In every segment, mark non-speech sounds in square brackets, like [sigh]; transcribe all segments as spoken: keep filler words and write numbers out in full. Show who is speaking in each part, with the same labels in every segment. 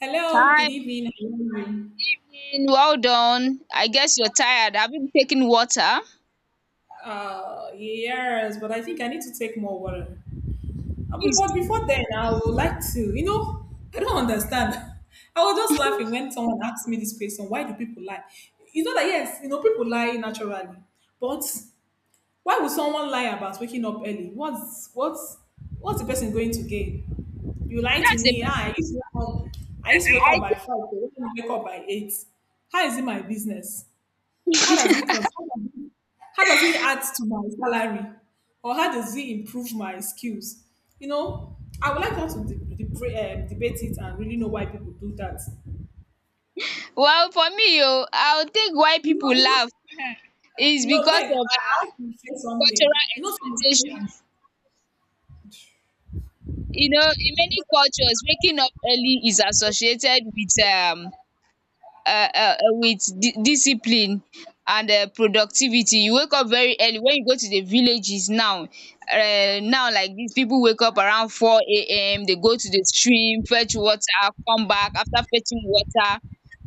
Speaker 1: Hello, good
Speaker 2: Hi, good
Speaker 1: evening. How are you?
Speaker 2: evening. Well done. I guess you're tired. Have you taken water?
Speaker 1: Uh, yes, but I think I need to take more water. Uh, be-
Speaker 2: Please
Speaker 1: But
Speaker 2: do.
Speaker 1: before then, I would like to, you know, I don't understand. [laughs] I was just
Speaker 2: [laughs]
Speaker 1: laughing when someone asked me this question, why do people lie? You know that, yes, you know, people lie naturally, but why would someone lie about waking up early? What's, what's, what's the person going to gain? You lie to
Speaker 2: That's the
Speaker 1: me. Ah,
Speaker 2: person,
Speaker 1: I used to wake up, I used to wake up
Speaker 2: I
Speaker 1: by
Speaker 2: think.
Speaker 1: five, but you wake up by eight. How is it my business? How does it cons- how does it how does it add to my salary? Or how does it improve my skills? You know, I would like us to de- de- um, debate it and really know why people do that.
Speaker 2: Well, for me, yo. I'll think why
Speaker 1: You know,
Speaker 2: people
Speaker 1: you
Speaker 2: laugh
Speaker 1: know,
Speaker 2: [laughs] is
Speaker 1: you know like,
Speaker 2: because of
Speaker 1: I have to
Speaker 2: uh,
Speaker 1: say something.
Speaker 2: cultural
Speaker 1: You know, some- people-
Speaker 2: expectations. You know, in many cultures, waking up early is associated with um um um with di discipline and um productivity. You wake up very early. When you go to the villages now um now, like, dis pipu wake up around four A M, dey go to the stream, fetch water, come back. After fetching water,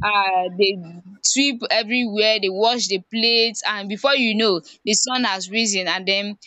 Speaker 2: um dey sweep everywhere, dey wash the plate, and before you know, the sun has risen and den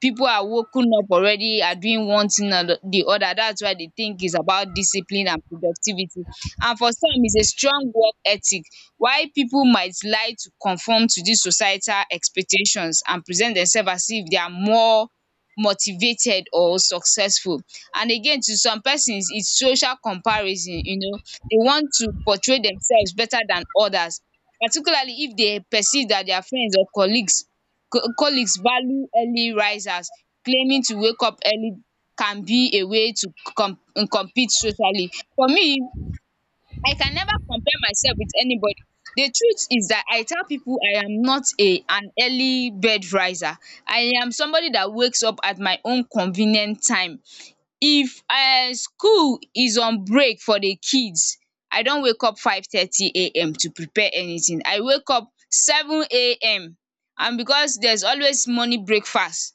Speaker 2: people are woken up already, are doing one thing or the other. That's why they think it's about discipline and productivity, and for some it's a strong work ethic, while people might like to conform to this societal expectations and present themselves as if they are more motivated or successful. And again, to some persons it's social comparison, you know, they want to portray themselves better than others, particularly if they perceive that their friends or colleagues Co- colleagues value early risers. Claiming to wake up early can be a way to com- compete socially. For me, I can never compare myself with anybody. The truth is that I tell people I am not a an early bed riser. I am somebody that wakes up at my own convenient time. If um school is on break for the kids, I don wake up five thirty am to prepare anything, I wake up seven am, and because there's always morning breakfast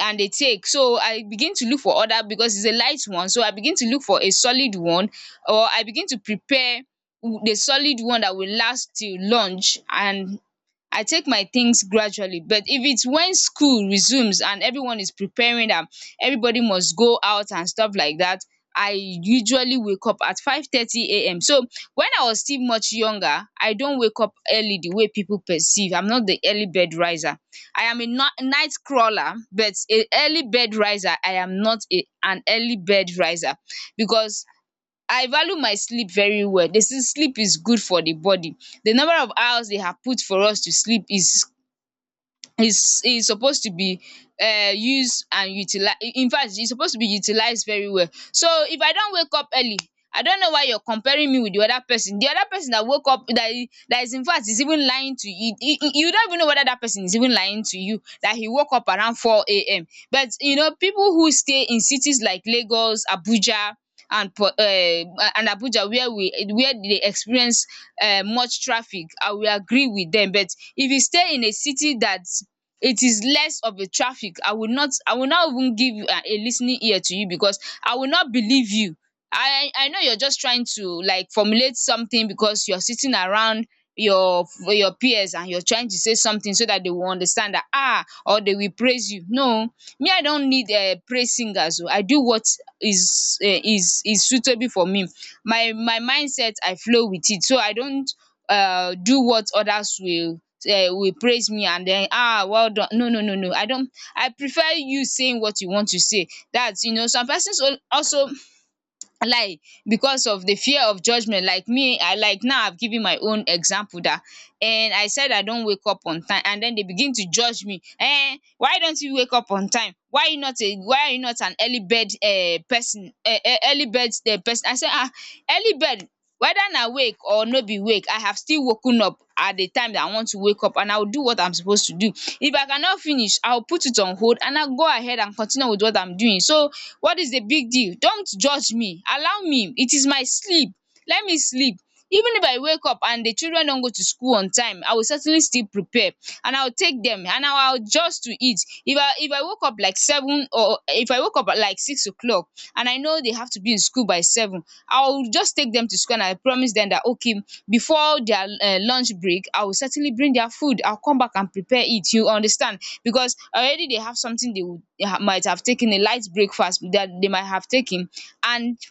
Speaker 2: and they take, so I begin to look for other, because it's a light one, so I begin to look for a solid one, or I begin to prepare the solid one that will last till lunch, and I take my things gradually. But if it's when school resumes and everyone is preparing am, everybody must go out and stuff like that, I usually wake up at five thirty am. So when I was still much younger, I don't wake up early the way people perceive. I'm not the early bed riser, I am a ni- night crawler, but a early bed riser. I am not a an early bed riser because I value my sleep very well. They say sleep is good for the body. The number of hours they have put for us to sleep is is is supposed to be um used and utilize. In fact, e suppose to be utilised very well. So if I don wake up early, I don't know why you are comparing me with the other person. The other person that woke up, that i- that is, in fact, is even lying to you. You you you don't even know whether that person is even lying to you, that he woke up around four A M. But you know, people who stay in cities like Lagos, Abuja, and po um and Abuja, where we where they experience um much traffic, I will agree with them. But if you stay in a city that it is less of a traffic, i will not I will not even give you a, a listening ear, to you, because I will not believe you. I i know you're just trying to, like, formulate something because you're sitting around your your peers, and you're trying to say something so that they will understand that, ah, or they will praise you. No, me, I don't need um praise singers oh. I do what is um is is suitable for me. My my mindset, I flow with it, so I don't uh do what others will um will praise me and then, ah, well done, no no no no, I don't. I prefer you saying what you want to say. That's, you know, some persons al- also lie because of the fear of judgement. Like me, I, like, now, I've given my own example dat, and I said I don't wake up on time, and then they begin to judge me, eh, why don't you wake up on time, why you not a, why are you not an early bird um person, um early bird um person, I say, ah, early bird, whether na wake or no be wake, I have still woken up at the time that I want to wake up, and I will do what I'm supposed to do. If I cannot finish, I will put it on hold and I go ahead and continue with what I'm doing. So what is the big deal? Don't judge me, allow me, it is my sleep, let me sleep. Even if I wake up and the children don go to school on time, I will certainly still prepare, and I will take dem, and I will adjust to it. If I if I woke up like seven, or if I woke up at like six o'clock, and I know they have to be in school by seven, I will just take dem to school, and I promise dem that, okay, before their um lunch break, I will certainly bring their food. I will come back and prepare it. You understand? Because already they have something they would, they ha- might have taken, a light breakfast that they might have taken, and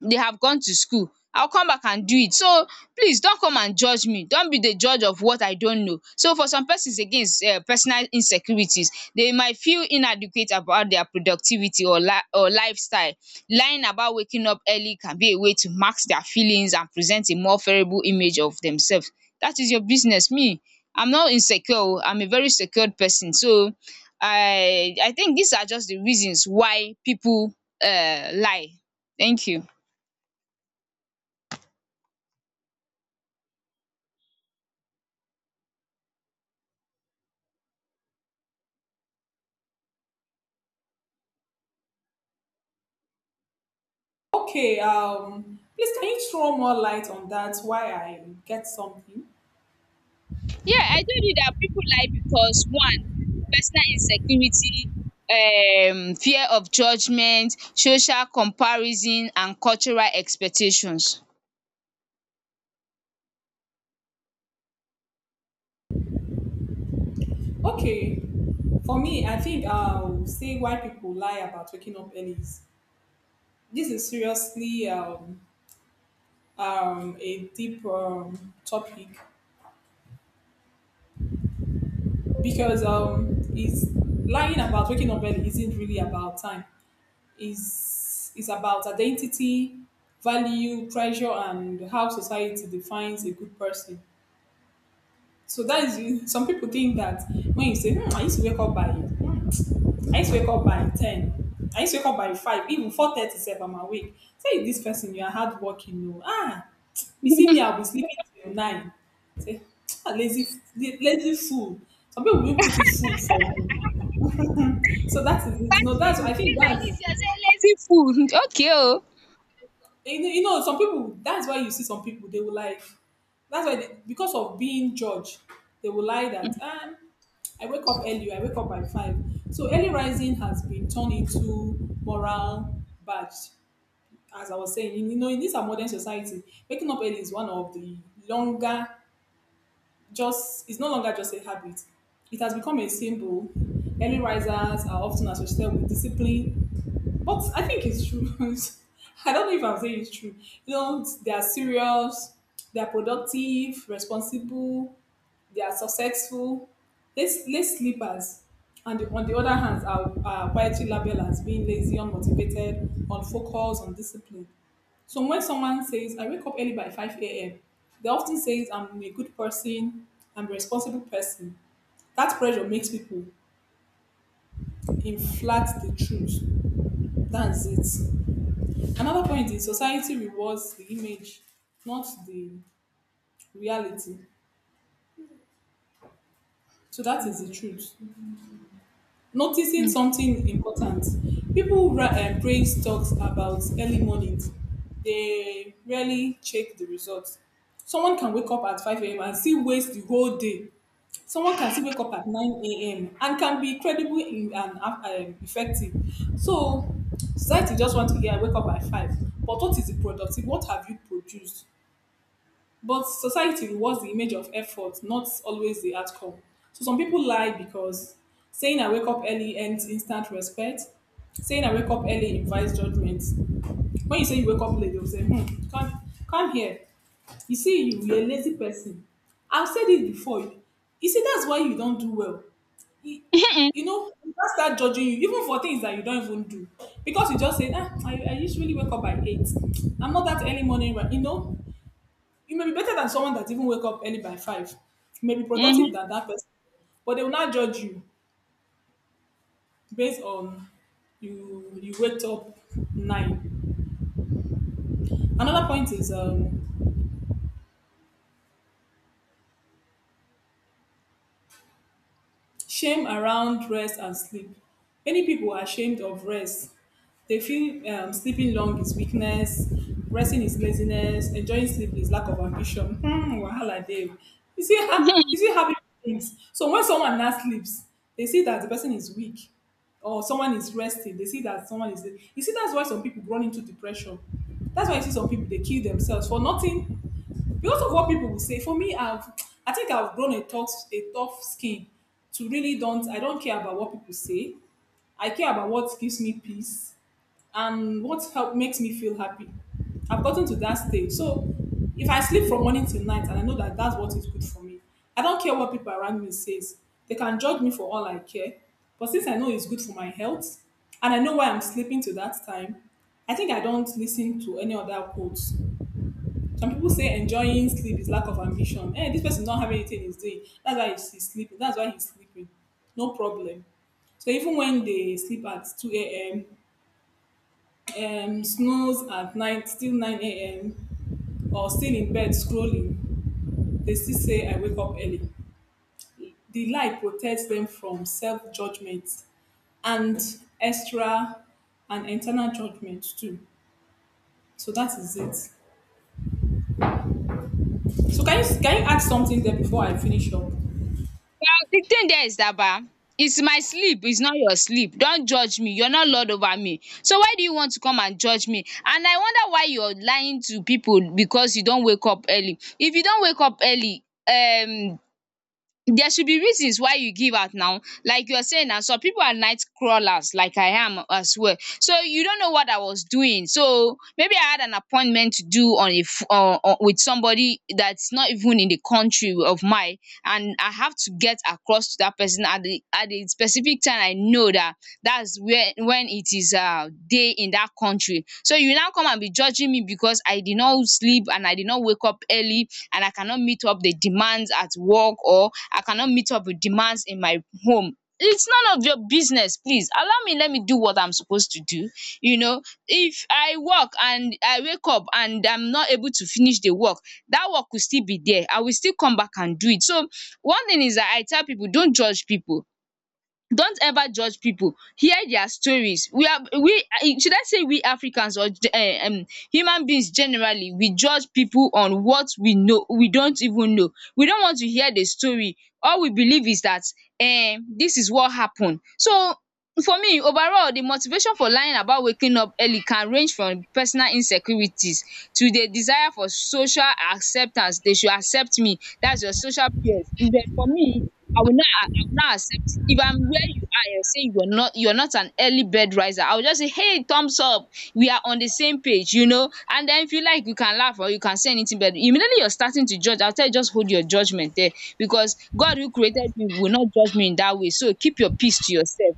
Speaker 2: they have gone to school, I'll come back and do it. So please don't come and judge me. Don't be the judge of what I don't know. So for some persons, again, is um personal insecurities. They might feel inadequate about their productivity, or li or lifestyle. Lying about waking up early can be a way to mask their feelings and present a more favourable image of themselves. That is your business. Me, I'm not insecure oh. I'm a very secured person. So I I think these are just the reasons why people um lie. Thank you.
Speaker 1: Okay, um, please can you throw more light on that? Why I get something?
Speaker 2: Yeah, I told you that people lie because, one, personal insecurity, um fear of judgement, social comparison, and cultural expectations. [laughs]
Speaker 1: Okay, for me, I think I'll say why people lie about waking up early is- This is seriously um, um, a deep um, topic because um, it's lying about waking up early isn't really about time. It's, it's about identity, value, pressure, and how society defines a good person. So that is, some people think that when you say, hmm, I used to wake up by I used to wake up by ten. I used to wake up by five, even four thirty sef I'm awake. Say this person, you are hardworking oo. Ah, you see me
Speaker 2: Party,
Speaker 1: I be sleeping till nine. Say [tsk] um lazy f- la- lazy fool. Some people will put in fool for you. So that is it. No dats
Speaker 2: you
Speaker 1: I think
Speaker 2: like
Speaker 1: dats
Speaker 2: dis, you are saying lazy fool. [laughs] Okay
Speaker 1: you know you know some people. That is why you see some people they will like. That's why dey Because of being judged, they will lie that um I wake up early. I wake up by five. So early rising has been turned into moral badge. As I was saying, you know, in this our modern society, waking up early is one of the longer, just, it's no longer just a habit. It has become a symbol. Early risers are often associated with discipline. But I think it's true. [laughs] I don't know if I'm saying it's true. You know, they are serious, they are productive, responsible, they are successful. Less, less sleepers, and the- on the other hand, are, are quietly labeled as being lazy, unmotivated, unfocused, undisciplined. So when someone says, I wake up early by five a m, they often says, I'm a good person, I'm a responsible person. That pressure makes people inflate the truth. That's it. Another point is, society rewards the image, not the reality. So that is the truth. Noticing something important. People ra- uh, praise talks about early mornings. They rarely check the results. Someone can wake up at five a m and still waste the whole day. Someone can still wake up at nine a m and can be credible in, and uh, um, effective. So society just want to hear, I wake up at five. But what is the productive? What have you produced? But society rewards the image of effort, not always the outcome. So some people lie because saying I wake up early earns instant respect. Saying I wake up early invites judgment. When you say you wake up late, they'll say, hmm, come, come here. You see, you, you're a lazy person. I've said it before. You see, that's why you don't do well. You, you know, people start judging you, even for things that you don't even do. Because you just say, ah, I, I usually wake up by eight. I'm not that early morning, right? You know, you may be better than someone that even wake up early by five. You may be
Speaker 2: o. Um
Speaker 1: productive than that person, but they will not judge you based on you you wake up nine. Another point is um shame around rest and sleep. Many people are ashamed of rest. They feel um, sleeping long is weakness, resting is laziness, enjoying sleep is lack of ambition. Hmm, wahala Dave. You see, ha-
Speaker 2: [laughs]
Speaker 1: you see how people things. So when someone now sleeps, they see that the person is weak, or someone is resting. They see that someone is. You see, that's why some people run into depression. That's why you see some people they kill themselves for nothing. Because of what people will say, for me, I've I think I've grown a tough a tough skin to really don't I don't care about what people say. I care about what gives me peace and what help makes me feel happy. I've gotten to that stage. So if I sleep from morning till night and I know that that's what is good for me, I don't care what people around me says. They can judge me for all I care. But since I know it's good for my health and I know why I'm sleeping to that time, I think I don't listen to any other quotes. Some people say enjoying sleep is lack of ambition. Hey, this person don't have anything he's doing. That's why he's he's sleeping. That's why he's sleeping. No problem. So even when they sleep at two a m, um, snooze at night, still nine a m, or still in bed scrolling, they still say, I wake up early. The lie protects them from self judgment and extra and internal judgment too. So that is it. So can you can you add something there before I finish up?
Speaker 2: the thing there is that ba, it's my sleep, it's not your sleep. Don't judge me, you're not lord over me, so why do you want to come and judge me? And I wonder why you're lying to people because you don't wake up early. If you don't wake up early, um there should be reasons why you give out now. Like you are saying now, some people are night crawlers, like I am as well. So you don't know what I was doing. So maybe I had an appointment to do on a f- uh, uh, with somebody that's not even in the country of mine, and I have to get across to that person at the at the specific time. I know that that's where, when it is um day in that country. So you now come and be judging me because I did not sleep, and I did not wake up early, and I cannot meet up the demands at work, or I cannot meet up with demands in my home. It's none of your business, please allow me, let me do what I'm supposed to do. You know, if I work and I wake up and I'm not able to finish the work, that work will still be there, I will still come back and do it. So one thing is that, I tell people, don't judge people, don't ever judge people, hear their stories. We are, we eh, should I say we africans, or eh, um human beings, generally, we judge people on what we know, we don't even know. We don't want to hear the story, all we believe is that um this is what happened. So for me, overall, the motivation for lying about waking up early can range from personal insecurities to the desire for social acceptance. They should accept me, that's your social peers. But for me, i will not I will not accept. If I'm where you are, and say you are not you're not an early bird riser, I will just say, hey, thumbs up, we are on the same page, you know. And then if you like, you can laugh, or you can say anything, but immediately you're starting to judge, I'll tell you, just hold your judgment there, because God, who created you, will not judge me in that way. So keep your peace to yourself.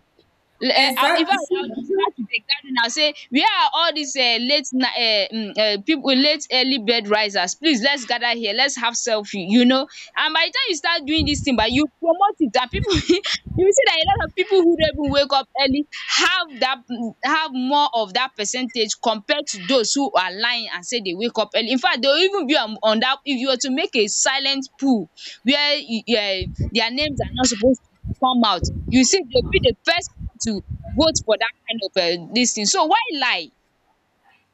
Speaker 2: Le um I infact I
Speaker 1: Exactly.
Speaker 2: will just start to dey carry now, say, where are all these um late night um um pipu, late early bed risers, please let's gather here. Let's have selfie, you know. And by the time you start doing this thing, but you promote it, that people, [laughs] you will see that a lot of people who don't even wake up early have dat, have more of that percentage compared to those who are lying and say they wake up early. In fact, they will even be on on dat, if you were to make a silent pool where um their names are not supposed to come out, you see, they will be the first to vote for that kind of um dis thing. So why lie?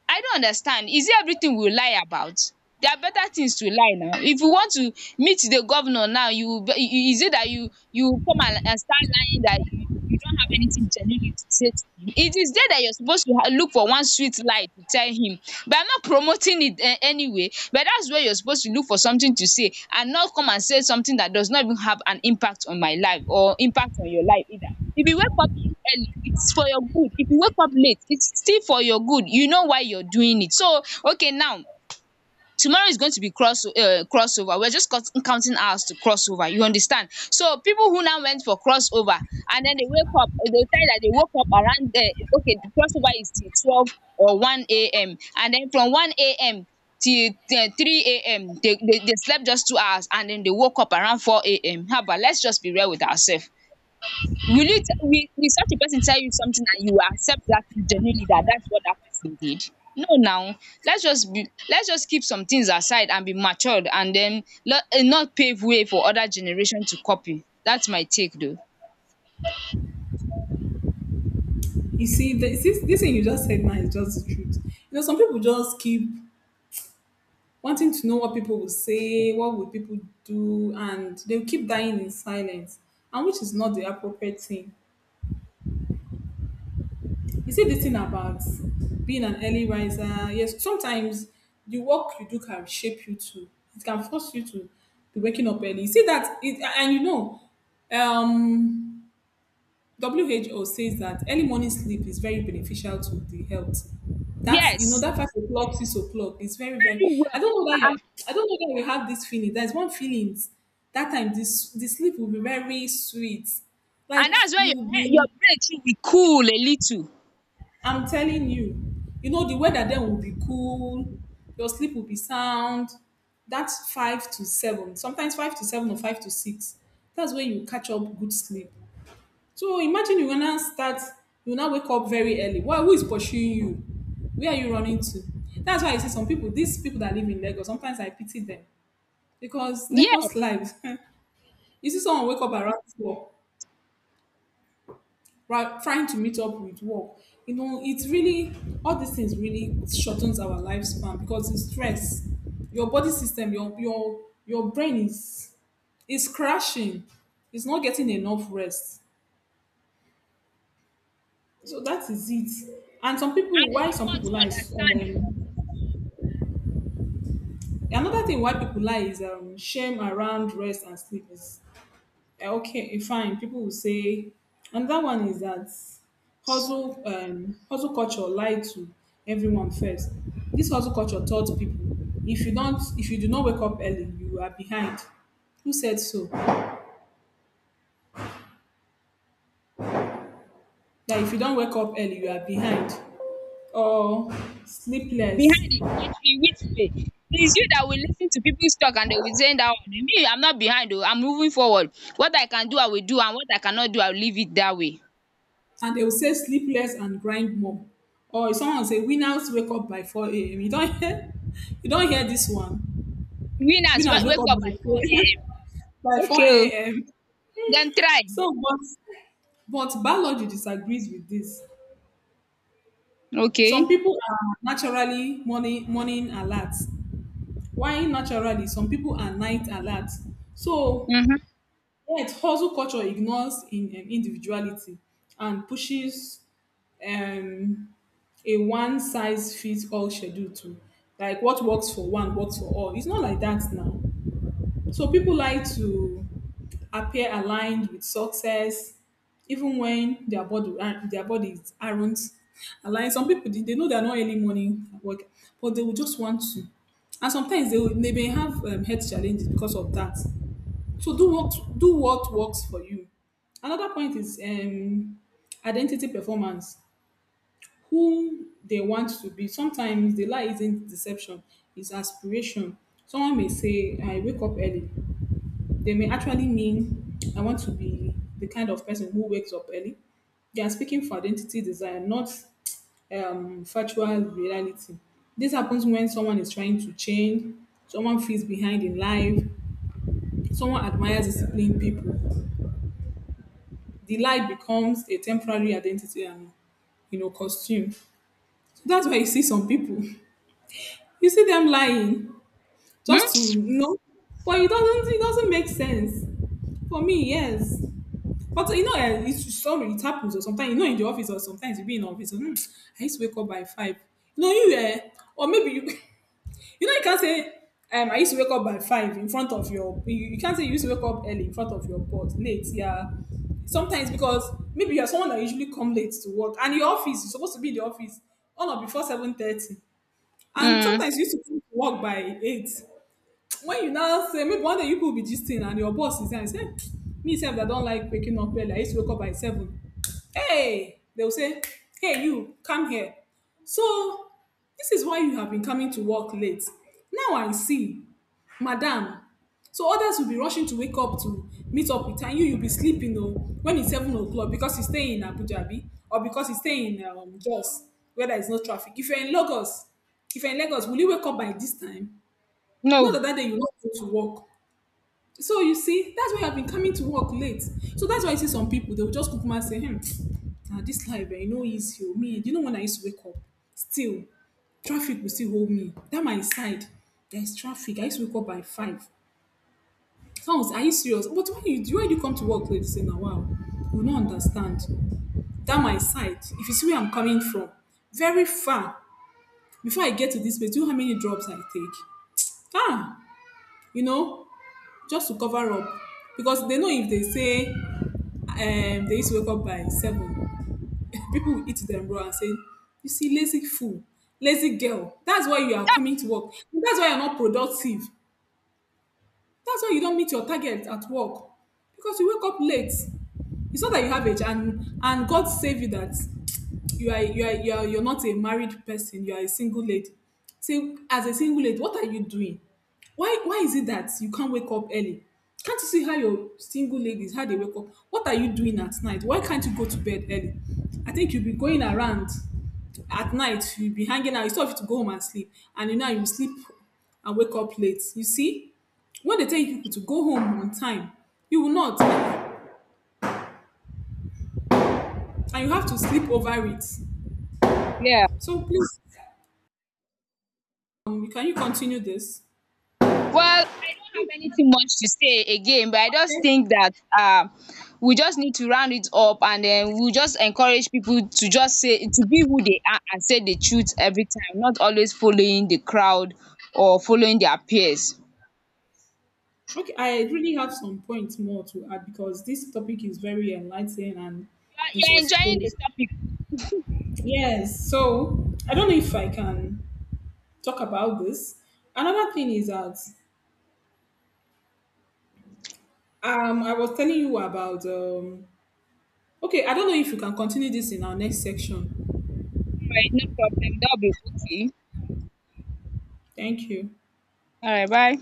Speaker 2: I don't understand. Is it everything we lie about? There are better things to lie now. If you want to meet the governor now, you will be- you- is it that you you will come and and start lying that you you don't have anything genuinely to say to him? It is there that you're supposed to ha- look for one sweet lie to tell him. But I'm not promoting it, um anyway, but that's where you're supposed to look for something to say, and not come and say something that does not even have an impact on my life or impact on your life either. If you wake up early, it's for your good. If you wake up late, it's still for your good. You know why you're doing it. So okay now, tomorrow is going to be cross uh, crossover. We're just cut- counting hours to crossover. You understand? So people who now went for crossover and then they wake up, they tell that they woke up around, uh, okay, the crossover is till twelve or one a.m., and then from one a.m. till uh, three a.m. They, they they slept just two hours, and then they woke up around four a.m. How about let's just be real with ourselves? Will you t- will, will such a person tell you something, and you accept that genuinely, that that's what that person did? No now. Let's just be let's just keep some things aside and be matured, and then let, and not pave way for other generation to copy. That's my take though.
Speaker 1: You see, the, this, this thing you just said now is just the truth. You know, some people just keep wanting to know what people will say, what will people do, and they'll keep dying in silence, and which is not the appropriate thing. You see, this thing about being an early riser, yes, sometimes the work you do can shape you to, it can force you to be waking up early. You see that, it, and you know, um, W H O says that early morning sleep is very beneficial to the health. That's, you know,
Speaker 2: Yes,
Speaker 1: that five o'clock, six o'clock is very very.
Speaker 2: very
Speaker 1: I
Speaker 2: well.
Speaker 1: don't know that you
Speaker 2: Uh-uh.
Speaker 1: are, I don't know that we have this feeling. There's one feeling that time, this the sleep will be very sweet,
Speaker 2: And
Speaker 1: like
Speaker 2: that's where
Speaker 1: you will
Speaker 2: your head, your
Speaker 1: be.
Speaker 2: brain too, will cool a little.
Speaker 1: I'm telling you, you know the weather then will be cool. Your sleep will be sound. That's five to seven, sometimes five to seven or five to six. That's when you catch up good sleep. So imagine you gonna start, you now wake up very early. Why? Who is pursuing you? Where are you running to? That's why I see some people, these people that live in Lagos, sometimes I pity them because Lagos
Speaker 2: Yes.
Speaker 1: lives. [laughs] You see someone wake up around four, right, trying to meet up with work. You know, it's really, all these things really shortens our lifespan because it's stress. Your body system, your your your brain is is crashing. It's not getting enough rest. So that is it. And some people,
Speaker 2: And they
Speaker 1: why
Speaker 2: don't
Speaker 1: some
Speaker 2: want
Speaker 1: people
Speaker 2: to
Speaker 1: lie is um,
Speaker 2: understand oh.
Speaker 1: another thing why people lie is um, shame around rest and sleep is uh, okay, eh, fine. People will say, another one is that hustle, um, hustle culture lie to everyone first. This hustle culture taught people if you don't, if you do not wake up early, you are behind. Who said so? That if you don't wake up early, you are behind or sleepless.
Speaker 2: Behind, in which in which way? It is you that will listen to people's talk and they will say that, one, me, I'm not behind, i I'm moving forward. What I can do I will do, and what I cannot do I will leave it that way.
Speaker 1: And they will say sleep less and grind more. Or if someone say winners wake up by four a m. You don't hear [laughs] you don't hear this one.
Speaker 2: Winners wa
Speaker 1: Winners wake
Speaker 2: wake
Speaker 1: up
Speaker 2: up
Speaker 1: by
Speaker 2: by
Speaker 1: 4
Speaker 2: four am.
Speaker 1: [laughs] by
Speaker 2: Okay o.
Speaker 1: four a m.
Speaker 2: Dem try.
Speaker 1: So but but biology disagrees with this. Some
Speaker 2: Okay.
Speaker 1: people are naturally morning morning alert, while naturally some people are night alert. So
Speaker 2: um
Speaker 1: right, hustle culture ignores in, um, individuality and pushes um, a one size fits all schedule to, like what works for one works for all. It's not like that now. So people like to appear aligned with success, even when their body uh, their bodies aren't aligned. Some people they they know they're not early morning work, but they will just want to. And sometimes they will, they may have um, health challenges because of that. So do what do what works for you. Another point is um, identity performance. Who they want to be. Sometimes the lie isn't deception; it's aspiration. Someone may say, "I wake up early." They may actually mean, "I want to be the kind of person who wakes up early." They are speaking for identity desire, not um, factual reality. This happens when someone is trying to change, someone feels behind in life, someone admires disciplined people. The lie becomes a temporary identity and, you know, costume. So that's why you see some people. You see them lying just to
Speaker 2: um
Speaker 1: you know, but it doesn't it doesn't make sense for me. Yes, but you know eh, it's sorry it happens, or sometimes you know in the office, or sometimes you be in office. Or, "Hmm, I used to wake up by five. You know you eh, or maybe you. [laughs] You know, you can't say, um, I used to wake up by five in front of your. You, you can't say you used to wake up early in front of your boss, late. Yeah, sometimes because maybe you're someone that usually come late to work, and your office you're supposed to be in the office on or before seven thirty, and
Speaker 2: um
Speaker 1: sometimes you used to come to work by eight. When you now say maybe one day you people be gisting and your boss is there and say, "Eh, me sef I don like waking up early, I used to wake up by seven." Hey, they will say, "Hey, you come here. So this is why you have been coming to work late. Now I see, madam." So others will be rushing to wake up to meet up with her, and you you'll be sleeping oh when it's seven o'clock because you stay in Abuja abi, or because you stay in um, Jos where there is no traffic. If you're in Lagos, if you're in Lagos, will you wake up by this time?
Speaker 2: no.
Speaker 1: Not that that day you not go to work. So you see, that's why I've been coming to work late. So that's why I see some people, they will just come and say, "Hmm, now this life, eh, you know, easy. Oh. Me, you know when I used to wake up, still traffic will still hold me. That my side, there's traffic. I used to wake up by five." Someone was, "Are you serious? But why you why do you come to work late?" Say, "Now wow, you don't understand. That my side. If you see where I'm coming from, very far. Before I get to this place, do you know how many drops I take? Ah, you know," just to cover up, because they know if they say um, they used to wake up by seven, [laughs] people will eat them raw and say, "You see, lazy fool, lazy girl. That's why you are coming to work. That's why you're not productive. That's why you don't meet your target at work, because you wake up late. It's not that you have age, and and God save you that you are you are you are you're not a married person, you are a single lady. Say as a single lady, what are you doing? Why why is it that you can't wake up early? Can't you see how your single ladies, how they wake up? What are you doing at night? Why can't you go to bed early? I think you'll be going around at night, you'll be hanging out instead of you to go home and sleep. And you know you sleep and wake up late, you see. When they tell you people to go home on time, you will not, and you have to sleep over it.
Speaker 2: Yeah.
Speaker 1: So please, um, can you continue this?"
Speaker 2: Well, I don't have anything much to say again, but I just
Speaker 1: Okay.
Speaker 2: think that um we just need to round it up, and then we just encourage people to just say, to be who they are and say the truth every time, not always following the crowd or following their peers.
Speaker 1: Okay, I really have some points more to add, because this topic is very enlightening and
Speaker 2: You're
Speaker 1: it
Speaker 2: you're
Speaker 1: was
Speaker 2: enjoying the
Speaker 1: posed.
Speaker 2: topic.
Speaker 1: Yes, so I don't know if I can talk about this. Another thing is that um, I was telling you about. Um, okay, I don't know if you can continue this in our next section.
Speaker 2: Alright, no problem. That'll be okay.
Speaker 1: Thank you.
Speaker 2: Alright, bye.